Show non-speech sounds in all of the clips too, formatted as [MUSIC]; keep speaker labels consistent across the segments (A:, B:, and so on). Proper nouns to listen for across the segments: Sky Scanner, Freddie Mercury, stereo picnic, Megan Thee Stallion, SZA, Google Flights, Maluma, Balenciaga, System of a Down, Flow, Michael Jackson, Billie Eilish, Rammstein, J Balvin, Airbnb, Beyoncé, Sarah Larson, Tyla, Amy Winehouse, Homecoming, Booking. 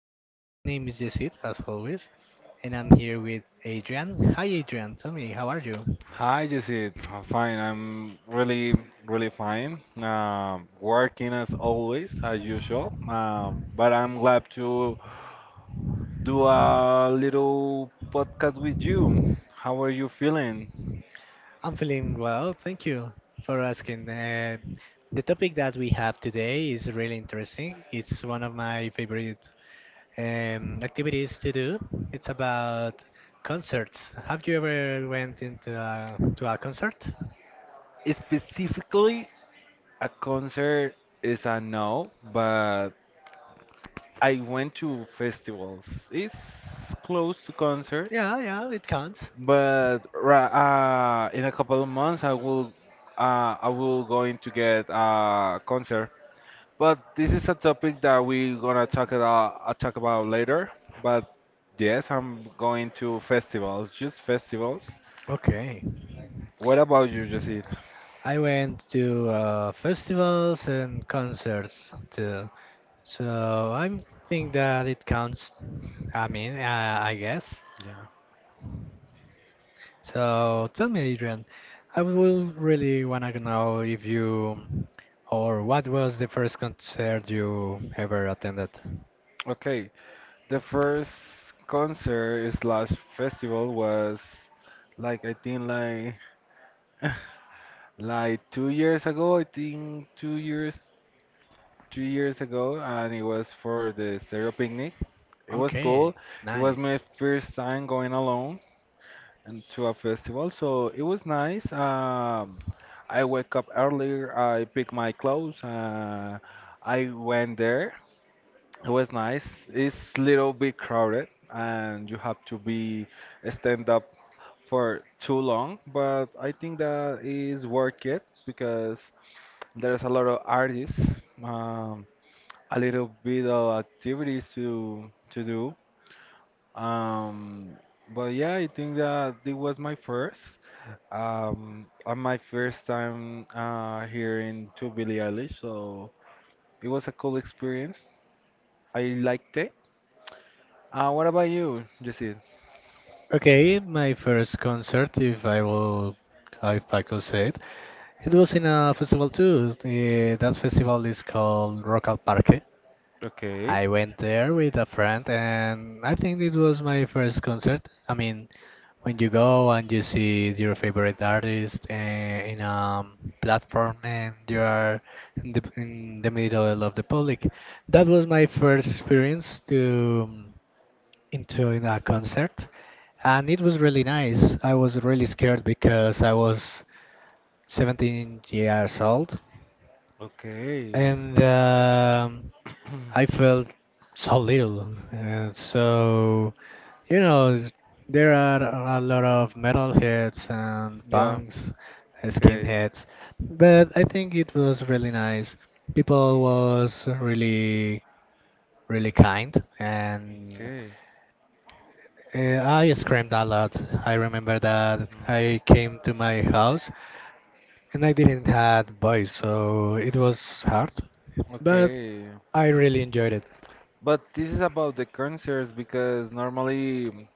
A: podcast. My name is Yesid, as always, and I'm here with Adrian. Hi, Adrian. Tell me, how are you?
B: Hi, Jesse. I'm fine. I'm really really fine. Working as always, as usual. But I'm glad to do a little podcast with you. How are you feeling?
A: I'm feeling well. Thank you for asking. The topic that we have today is really interesting. It's one of my favorite activities to do. It's about concerts. Have you ever went into to a concert?
B: Specifically, a concert is a no, but I went to festivals. It's close to concerts,
A: Yeah, yeah, it counts.
B: but in a couple of months, I will going to get a concert. But this is a topic that we're gonna talk about later. But yes, I'm going to festivals, just festivals.
A: Okay.
B: What about you, Jesse?
A: I went to festivals and concerts too. So I think that it counts. I mean, I guess.
B: Yeah.
A: So tell me, Adrian, I will really wanna know if you or what was the first concert you ever attended?
B: Okay. The first concert is last festival was like I think like [LAUGHS] like 2 years ago. I think 2 years, 3 years ago, and it was for the stereo picnic. It was cool.
A: Okay,
B: It was
A: nice.
B: my first time going alone. And to a festival. So it was nice. I wake up earlier. I pick my clothes. I went there. It was nice. It's little bit crowded, and you have to be stand up for too long. But I think that is worth it because there's a lot of artists. Um, a little bit of activities to do. Um, but yeah, I think that it was my first. On my first time hearing to Billie Eilish, so it was a cool experience. I liked it. What about you, Jesse?
A: Okay, my first concert, if I will, if I could say it, it was in a festival too. That festival is called Rock al Parque.
B: Okay,
A: I went there with a friend, and I think it was my first concert. I mean, when you go and you see your favorite artist in a platform, and you are in the middle of the public, that was my first experience to into a concert, and it was really nice. I was really scared because I was 17 years old,
B: okay,
A: and
B: [CLEARS THROAT]
A: I felt so little. And so, you know, there are a lot of metalheads and
B: yeah,
A: punks,
B: okay,
A: skinheads, but I think it was really nice. People was really, really kind, and
B: okay,
A: I screamed a lot. I remember that I came to my house and I didn't have voice, so it was hard, but
B: okay.
A: I really enjoyed it.
B: But this is about the concerts because normally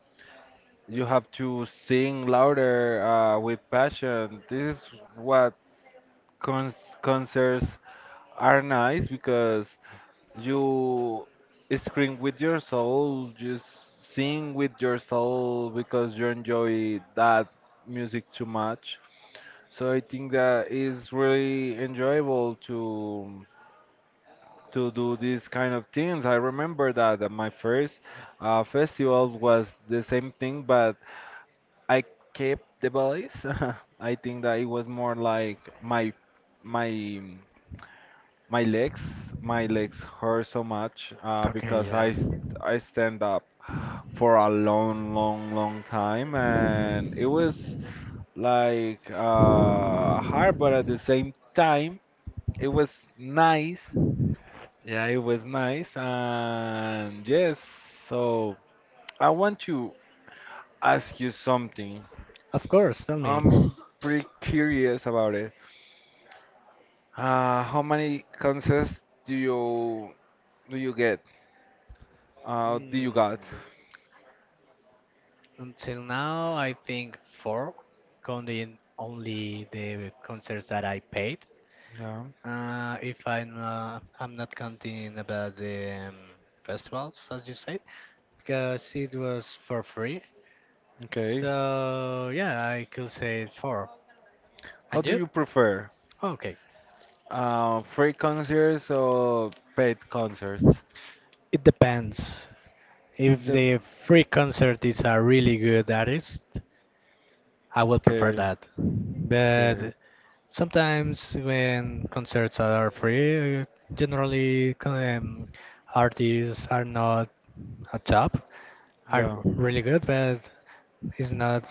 B: you have to sing louder with passion. This is what cons concerts are nice because you scream with your soul, just sing with your soul because you enjoy that music too much. So I think that is really enjoyable to do these kind of things. I remember that at my first festival was the same thing, but I kept the ballet. [LAUGHS] I think that it was more like my My legs, my legs hurt so much
A: Okay,
B: because
A: yeah.
B: I st I stand up for a long, long, long time, and it was like hard, but at the same time, it was nice. Yeah, it was nice, and yes. So I want to ask you something.
A: Of course, tell me.
B: I'm pretty curious about it. How many concerts do you get? Do you
A: Mm,
B: got?
A: Until now, I think four, counting only the concerts that I paid.
B: Yeah.
A: If I'm I'm not counting about the festivals, as you said, because it was for free.
B: Okay.
A: So yeah, I could say four.
B: How
A: And
B: do
A: you?
B: you prefer?
A: Okay.
B: Free concerts or paid concerts?
A: It depends. If
B: The
A: the free concert is a really good artist, I would prefer
B: okay,
A: that.
B: okay,
A: But sometimes when concerts are free, generally artists are not at top, are
B: yeah,
A: really good, but It's not,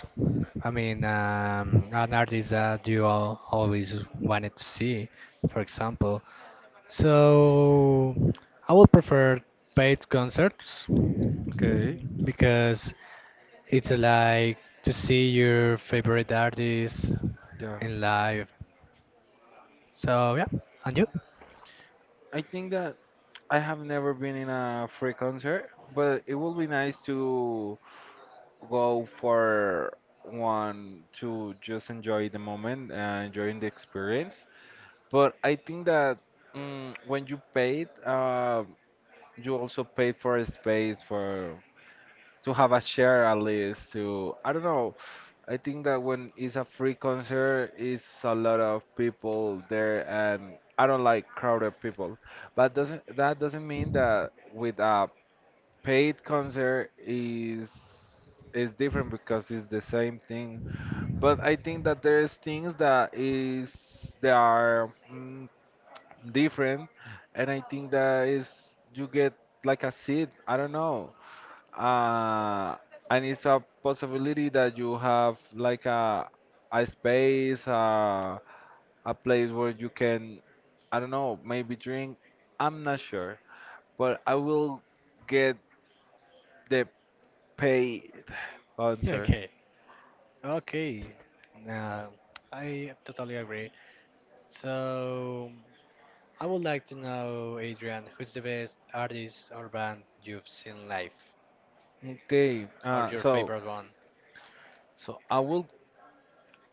A: I mean, an artist that you all always wanted to see, for example. So I would prefer paid concerts
B: okay,
A: because it's like to see your favorite artist
B: yeah.
A: in live. So yeah, and you? [LAUGHS]
B: I think that I have never been in a free concert, but it would be nice to go for one to just enjoy the moment and enjoying the experience. But I think that when you paid, you also paid for a space for to have a share at least to I don't know. I think that when it's a free concert it's a lot of people there and I don't like crowded people. But doesn't that doesn't mean that with a paid concert is different because it's the same thing. But I think that there's things that is they are different and I think that is you get like a seat. I don't know uh, and it's a possibility that you have like a space, a place where you can, I don't know, maybe drink. I'm not sure, but I will get the paid answer.
A: Okay, okay. Now, I totally agree. So, I would like to know, Adrian, who's the best artist or band you've seen live,
B: Okay,
A: or
B: uh,
A: your
B: so
A: favorite one?
B: so I will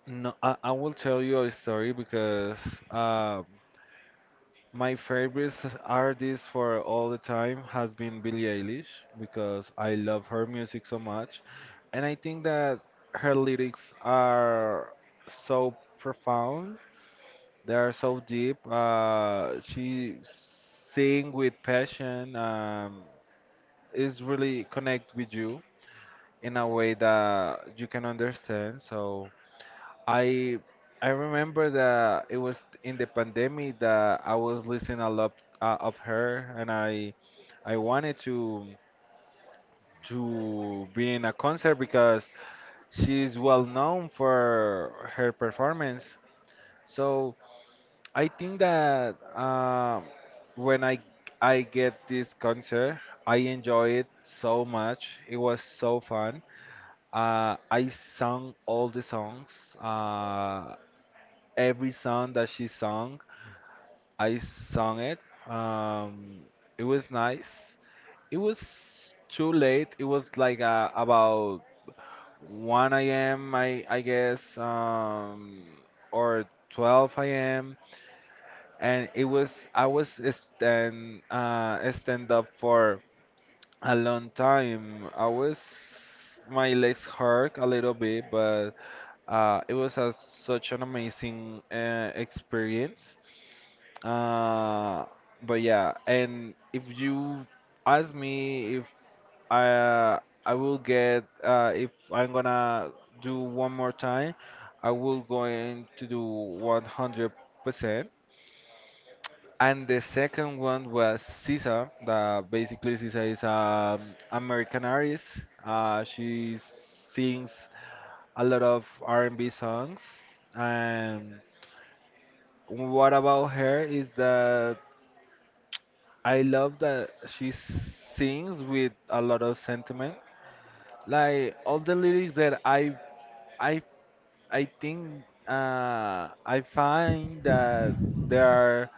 B: no, I will tell you a story because uh, my favorite artist for all the time has been Billie Eilish because I love her music so much. And I think that her lyrics are so profound, they are so deep. She sing with passion, is really connect with you in a way that you can understand. So I I remember that it was in the pandemic that I was listening a lot of her, and I wanted to be in a concert because she's well known for her performance. So I think that when I get this concert, I enjoy it so much. It was so fun. I sang all the songs. Uh, every song that she sung, I sung it. Um, it was nice. It was too late. It was like about 1 a.m. I guess or 12 a.m. And it was I was stand up for a long time. I was my legs hurt a little bit, but it was such an amazing experience. Uh, but yeah, and if you ask me if I uh, I will get if I'm gonna do one more time, I will going to do 100%. And the second one was SZA. That basically SZA is a American artist. She sings a lot of R&B songs. And what about her is that I love that she sings with a lot of sentiment. Like all the lyrics that I I think I find that there are,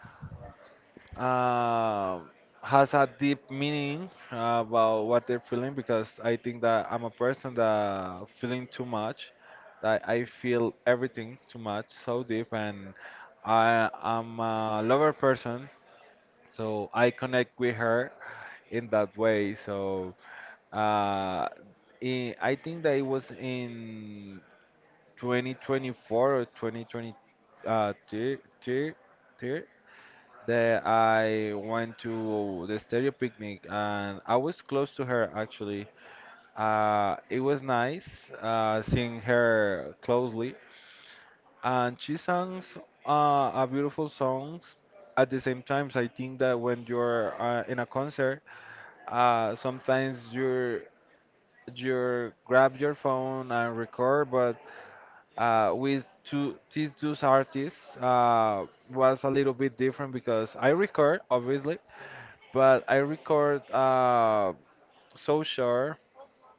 B: uh, has a deep meaning about what they're feeling because I think that I'm a person that feeling too much, that I feel everything too much, so deep, and I am a lover person, so I connect with her in that way. So uh, I think that it was in 2024 or 2020 two- two- two that I went to the stereo picnic and I was close to her actually. It was nice seeing her closely, and she sings a beautiful songs. At the same time, I think that when you're in a concert, sometimes you grab your phone and record, but with two these two artists was a little bit different because I record obviously, but I record so sure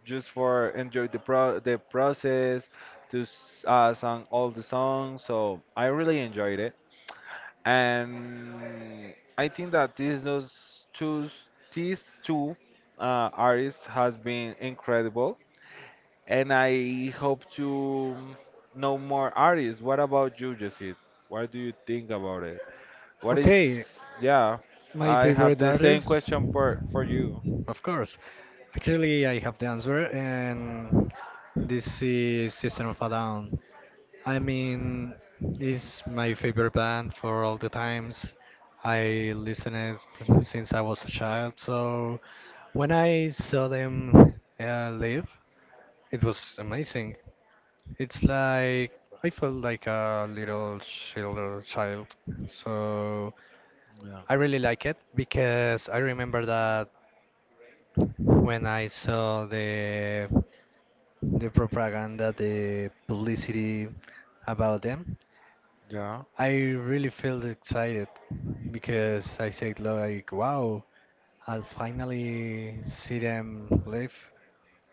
B: just for enjoy the pro the process to sing all the songs. So I really enjoyed it. And I think that these two artists has been incredible, and I hope to know more artists. What about you, Jesse? What do you think about it? What is
A: Okay,
B: yeah?
A: my
B: I have
A: favorite
B: the same
A: artist?
B: question for you.
A: Of course. Actually, I have the answer, and this is System of a Down. I mean, it's my favorite band for all the times. I listened it since I was a child, so when I saw them live, it was amazing. It's like I felt like a little child. So
B: Yeah.
A: I really like it because I remember that when I saw the propaganda, the publicity about them,
B: Yeah.
A: I really felt excited because I said like, wow, I'll finally see them live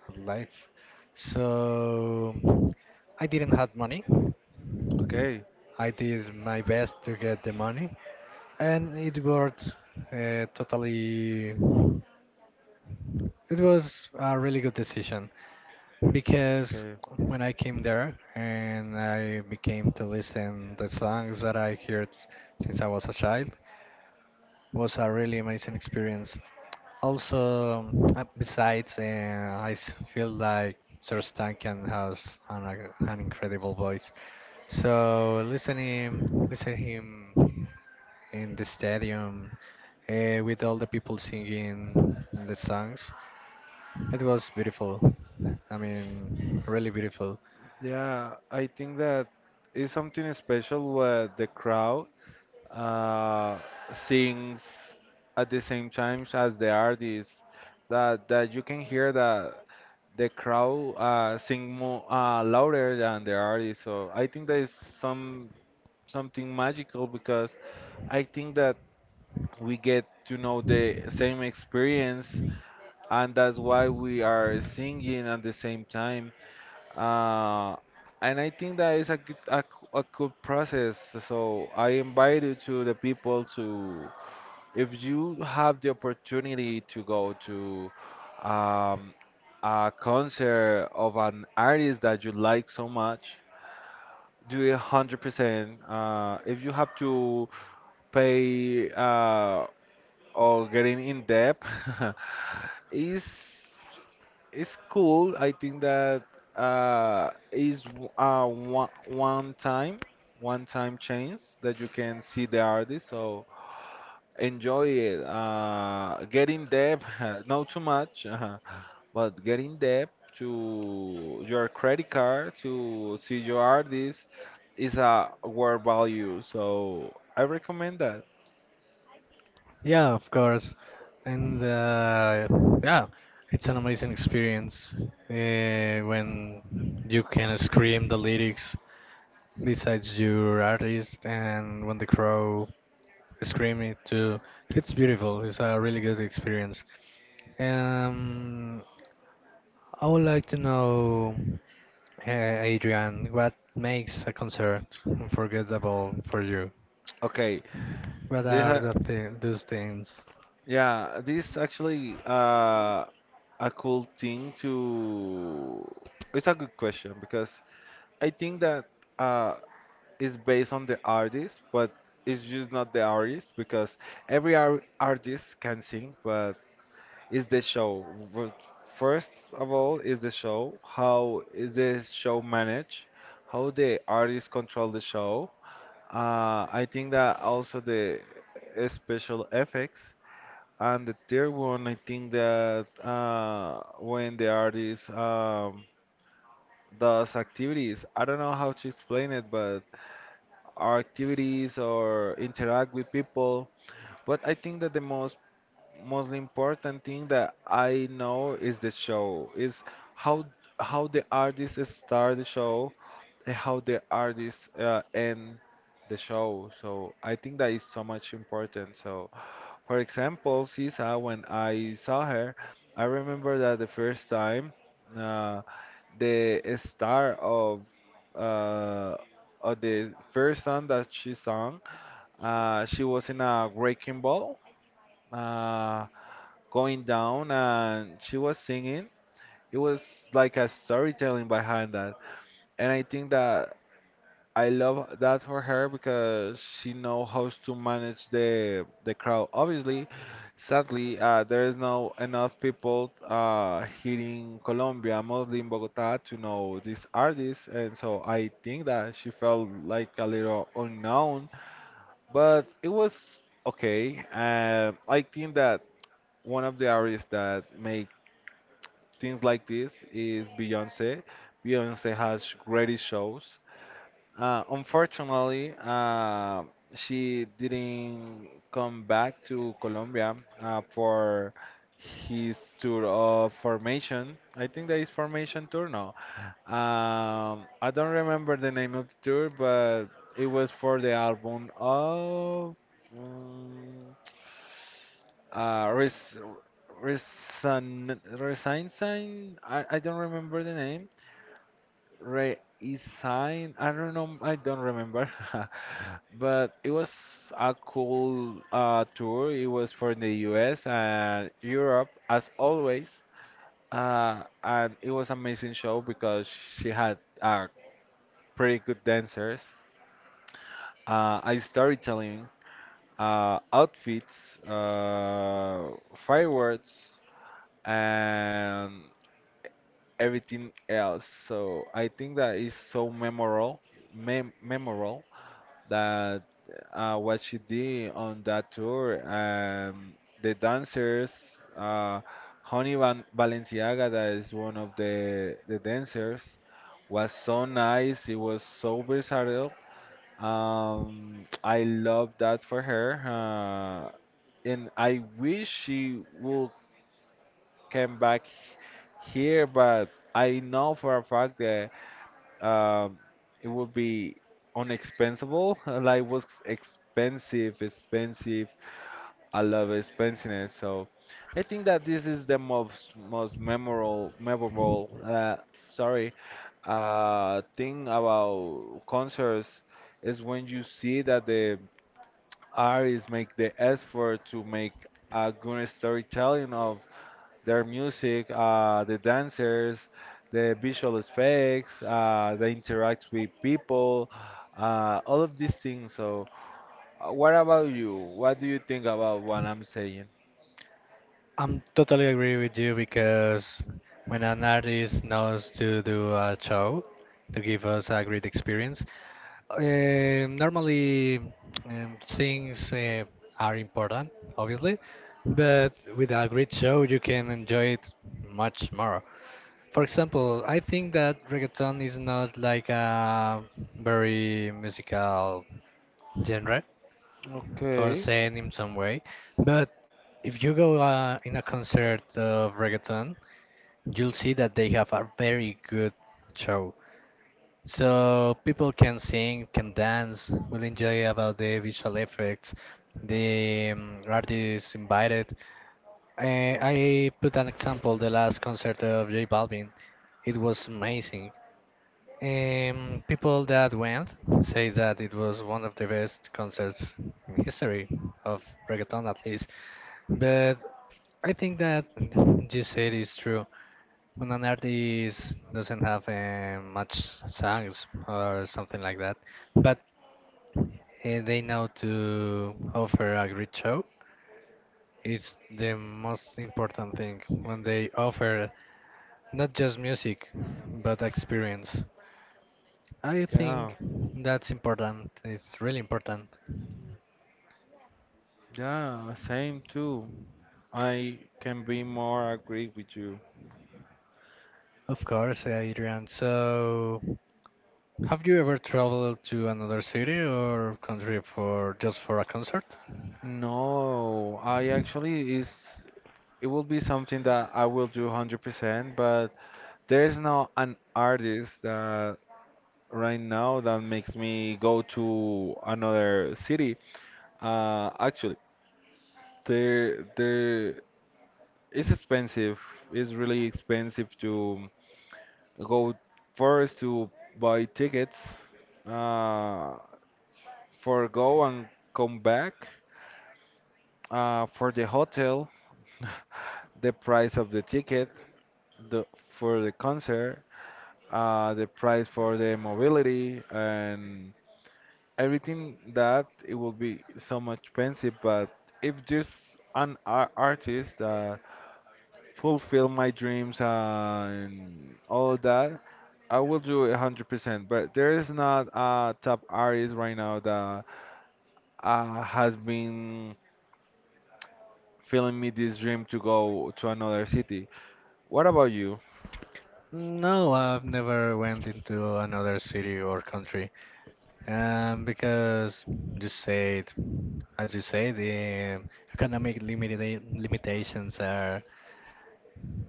A: a life. So I didn't have money,
B: Okay.
A: I did my best to get the money, and it worked totally. It was a really good decision because
B: Okay.
A: when I came there and I became to listen the songs that I heard since I was a child was a really amazing experience. Also, besides, feel like Sir Stankin has an incredible voice. So listen him in the stadium with all the people singing the songs. It was beautiful. I mean, really beautiful.
B: Yeah, I think that is something special with the crowd uh, sings at the same time as the artist that you can hear that the crowd sing more louder than the artist so I think there is something magical because I think that we get to know the same experience and that's why we are singing at the same time uh, and I think that is a good, a good process. So I invite you to the people to if you have the opportunity to go to um, a concert of an artist that you like so much, do it 100%. If you have to pay or getting in debt, [LAUGHS] is it's cool. I think that uh, is w- uh, one, one time, one time chance that you can see the artist. So enjoy it. Get in debt, [LAUGHS] not too much, but get in debt to your credit card to see your artist is a world value. So I recommend that.
A: Yeah, of course. And yeah, it's an amazing experience uh, when you can scream the lyrics besides your artist and when the crowd scream it too. It's beautiful. It's a really good experience. Um, I would like to know. Hey, Adrian, what makes a concert unforgettable for you?
B: Okay,
A: What
B: this
A: are the th those things?
B: yeah, this actually a cool thing to. It's a good question because I think that uh, is based on the artist, but it's just not the artist because every ar artist can sing, but it's the show. W- First of all, is the show. How is the show managed? How the artists control the show? I think that also the special effects. And the third one, I think that when the artist does activities, I don't know how to explain it, but our activities or interact with people. But I think that the most important thing that I know is the show, is how how the artists start the show how the artists end the show. So I think that is so much important. So, for example, Sisa, when I saw her, I remember that the first time uh, the star uh, of the first song that she sung, she was in a wrecking ball, uh, going down, and she was singing. It was like a storytelling behind that, and I think that I love that for her because she knows how to manage the crowd. Obviously, sadly, there is no enough people here in Colombia, mostly in Bogota, to know these artists, and so I think that she felt like a little unknown, but it was okay. I think that one of the artists that make things like this is Beyonce. Beyonce has great shows. Unfortunately, she didn't come back to Colombia for his tour of formation. I think that is formation tour, no. I don't remember the name of the tour, but it was for the album of um, uh, Res Resign Resign Sign. I don't remember the name, Re sign. I don't know. I don't remember, [LAUGHS] but it was a cool tour. It was for the U.S. and Europe, as always. And it was amazing show because she had pretty good dancers, a storytelling, outfits, fireworks, and everything else. So I think that is so memorable, memorable that what she did on that tour, the dancers, uh, Honey Van Balenciaga, that is one of the dancers, was so nice. It was so versatile. I love that for her, and I wish she would come back here, but I know for a fact that um, it would be unexpensible. [LAUGHS] Like what's expensive, expensive. I love expensiveness. So I think that this is the most memorable. Sorry, thing about concerts is when you see that the artists make the effort to make a good storytelling of their music, the dancers, the visual effects, they interact with people, all of these things. What about you? What do you think about what I'm saying?
A: I'm totally agree with you because when an artist knows to do a show to give us a great experience, normally things are important, obviously, but with a great show you can enjoy it much more. For example, I think that reggaeton is not like a very musical genre, for
B: Okay.
A: saying in some way. But if you go in a concert of reggaeton, you'll see that they have a very good show. So people can sing, can dance, will enjoy about the visual effects, the artists invited. I put an example, the last concert of J Balvin. It was amazing. People that went say that it was one of the best concerts in history of reggaeton, at least. But I think that you said is true. When an artist doesn't have much songs or something like that, but they know to offer a great show, it's the most important thing when they offer not just music but experience. I
B: Yeah.
A: think that's important. It's really important.
B: Yeah. Same too. I can be more agree with you.
A: Of course, yeah, Adrian. So, have you ever traveled to another city or country for just for a concert?
B: No, I actually is it will be something that I will do 100%, but there's not an artist that right now, that makes me go to another city. Actually, there, there, it's expensive. It's really expensive to go first to buy tickets, uh, for go and come back, for the hotel, [LAUGHS] the price of the ticket, the for the concert, the price for the mobility, and everything that it will be so much expensive. But if there's an ar artist that fulfill my dreams and all that, I will do it 100%. But there is not a top artist right now that has been filling me this dream to go to another city. What about you?
A: No, I've never went into another city or country. Because you said, as you say, the economic limitations are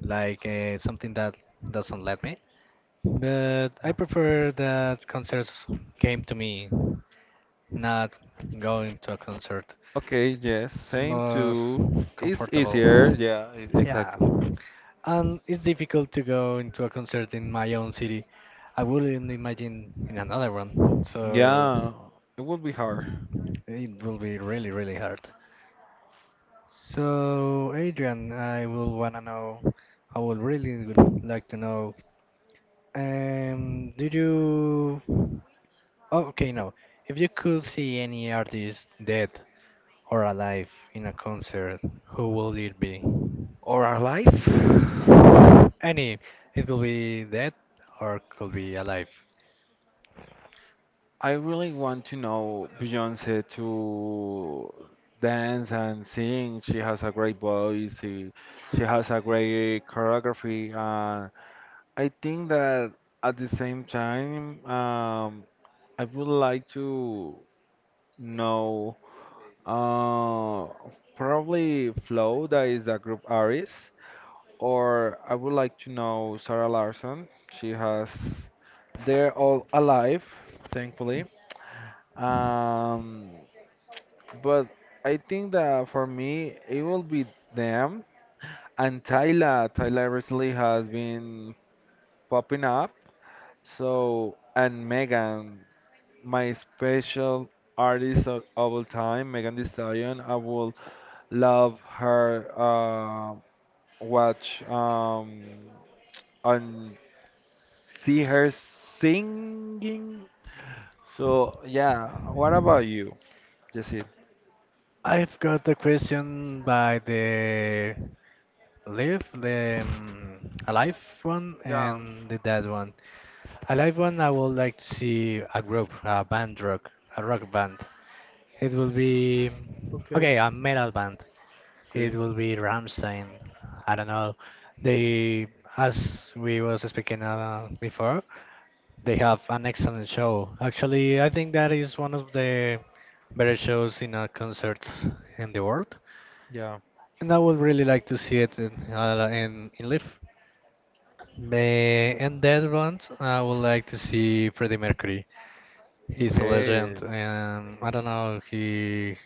A: like something that doesn't let me. But I
B: No.
A: prefer that concerts came to me, not going to a concert.
B: Okay, yes,
A: It's
B: same
A: most
B: too. It's easier,
A: comfortable.
B: yeah,
A: Yeah,
B: exactly.
A: and it's difficult to go into a concert in my own city. I wouldn't imagine in another one, so
B: Yeah, it would be hard
A: it will be really, really hard. So, Adrian, I will wanna know, I would really would like to know, um, did you? Oh, okay, no. If you could see any artist dead or alive in a concert, who will it be?
B: or our life.
A: Any, it could be dead or could be alive.
B: I really want to know Beyonce to dance and sing. She has a great voice. She has a great choreography. And I think that at the same time, I would like to know uh, probably Flow, that is a group artist. Or I would like to know Sarah Larson. She has, they're all alive, thankfully. Um, but I think that for me, it will be them and Tyla. Tyla recently has been popping up. So, and Megan, my special artist of all time, Megan Thee Stallion. I will love her watch. And see her singing. So yeah, what about you, Jesse?
A: I've got the question by the live, the alive one,
B: Yeah.
A: and the dead one. Alive one, I would like to see a group, a band rock, a rock band. It will be okay, a metal band. It
B: Okay.
A: will be Ramstein. I don't know. They, as we was speaking before, they have an excellent show. Actually, I think that is one of the better shows in concerts in the world.
B: Yeah.
A: And I would really like to see it in in live. And that one, I would like to see Freddie Mercury. He's a
B: Okay.
A: legend, and I don't know, he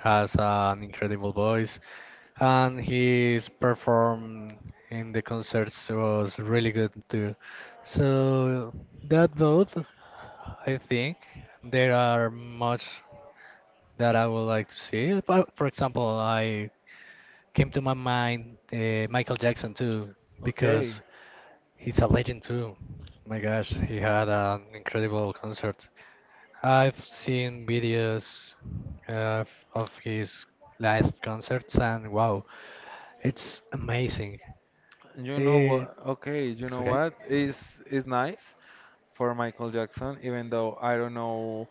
A: has an incredible voice and his perform in the concerts was really good too. So that both, I think there are much that I would like to see. For example, I came to my mind Michael Jackson too because
B: Okay.
A: he's a legend too. My gosh, he had an incredible concert. I've seen videos uh, of his last concerts and wow, it's amazing.
B: You know
A: Eh,
B: what? Okay. You know
A: okay.
B: what? Is nice for Michael Jackson, even though I don't know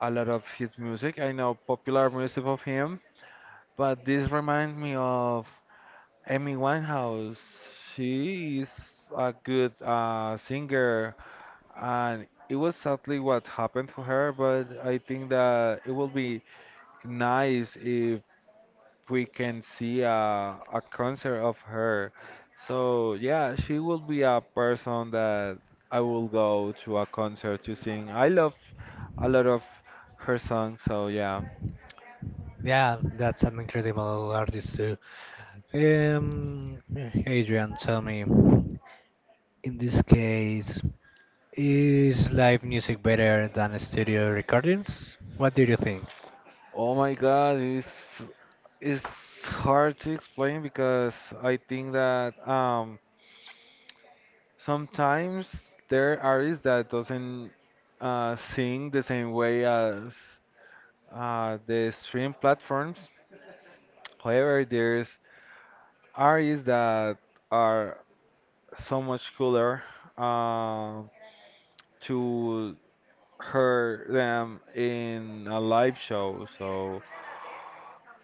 B: a lot of his music. I know popular music of him, but this reminds me of Amy Winehouse. She is a good singer and it was sadly what happened to her, but I think that it will be nice if we can see a concert of her. So yeah, she will be a person that I will go to a concert to sing. I love a lot of her songs, so yeah.
A: Yeah, that's an incredible artist too. Um, Adrian, tell me, in this case, is live music better than studio recordings? What do you think?
B: Oh my God, it's hard to explain because I think that sometimes there are artists that doesn't sing the same way as the stream platforms. However, there's artists that are so much cooler uh, to hear them in a live show. So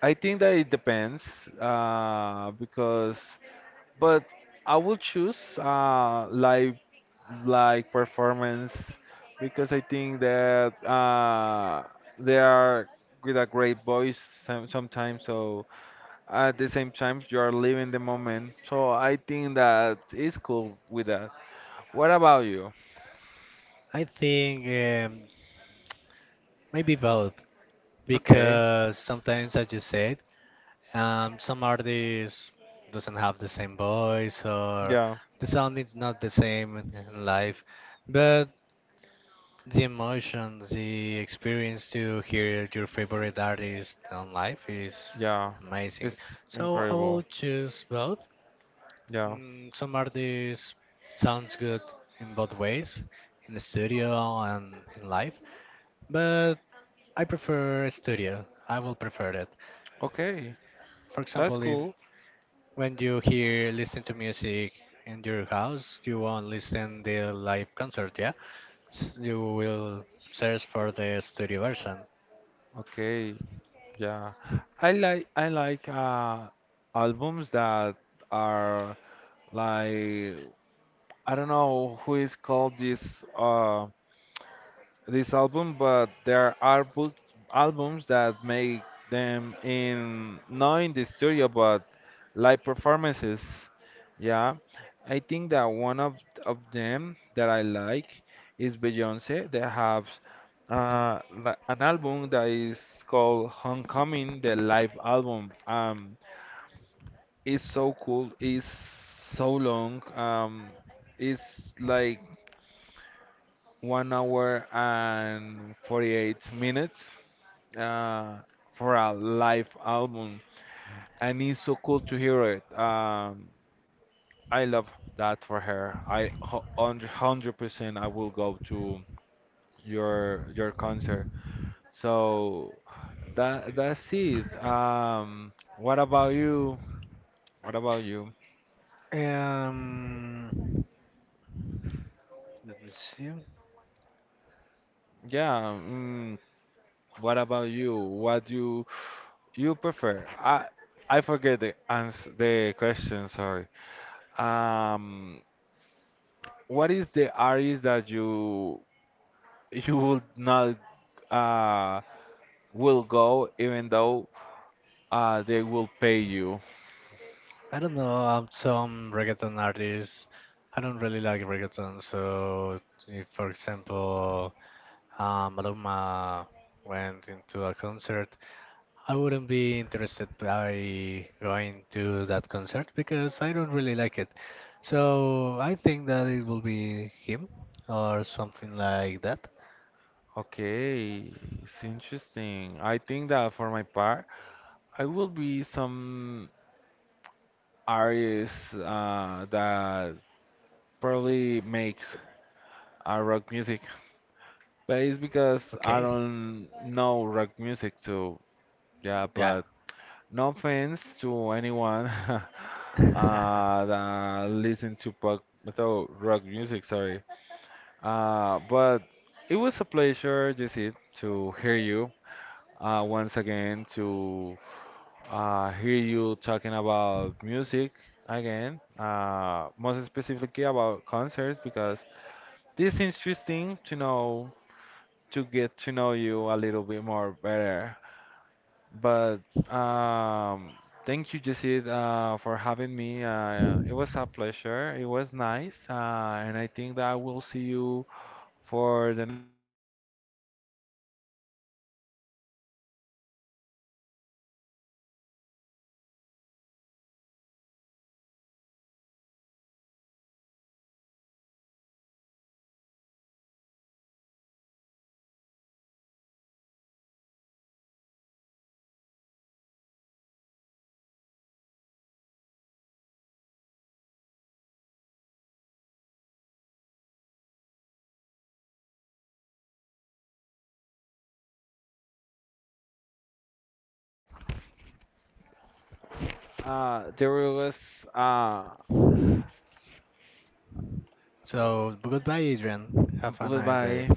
B: I think that it depends uh, because, but I will choose live like performance because I think that they are with a great voice sometimes. So at the same time, you are living the moment. So I think that it's cool with that. What about you?
A: I think maybe both,
B: Okay.
A: because sometimes, as you said, some artists doesn't have the same voice or
B: Yeah.
A: the sound is not the same in live. But the emotion, the experience to hear your favorite artist on live is
B: Yeah.
A: amazing.
B: It's
A: So I will
B: incredible.
A: choose both.
B: Yeah.
A: Some artists sounds good in both ways, in the studio and in live, but I prefer studio. I will prefer it.
B: Okay.
A: For
B: That's
A: example, if
B: cool.
A: when you hear listen to music in your house, you won't listen the live concert, yeah? You will search for the studio version.
B: Okay. Yeah. I like albums that are like I don't know who is called this this album, but there are book albums that make them in not in the studio but live performances. Yeah, I think that one of them that I like is Beyonce. They have an album that is called Homecoming, the live album. It's so cool. It's so long. It's like 1 hour and 48 minutes uh, for a live album and it's so cool to hear it. I love that for her. 100% I will go to your concert. So that that's it. Um, what about you
A: Um, let me see.
B: yeah mm, what about you? What do you prefer? I forget the ans the question, sorry. Um, what is the artist that you will not uh will go even though they will pay you?
A: I don't know. Some reggaeton artists. I don't really like reggaeton. So, if, for example, Maluma went into a concert, I wouldn't be interested by going to that concert because I don't really like it. So, I think that it will be him or something like that.
B: Okay, it's interesting. I think that for my part, I will be some artist that probably makes rock music, but it's because I
A: Okay.
B: don't know rock music, too. Yeah. But no offense to anyone [LAUGHS]
A: Yeah. [LAUGHS]
B: that listen to pop metal rock music, sorry. But it was a pleasure, Jesse, to hear you once again, to hear you talking about music again, most specifically about concerts, because this is interesting to know, to get to know you a little bit more better. But um, thank you, Jesse, for having me. It was a pleasure. It was nice, and I think that I will see you for the next time.
A: Okay, pleasure is mine, Adrian. Thank you so much
B: Um,
A: for being here.
B: I think that there's
A: So, goodbye.
B: there was
A: So, goodbye, Adrian. Have a nice
B: goodbye.
A: day.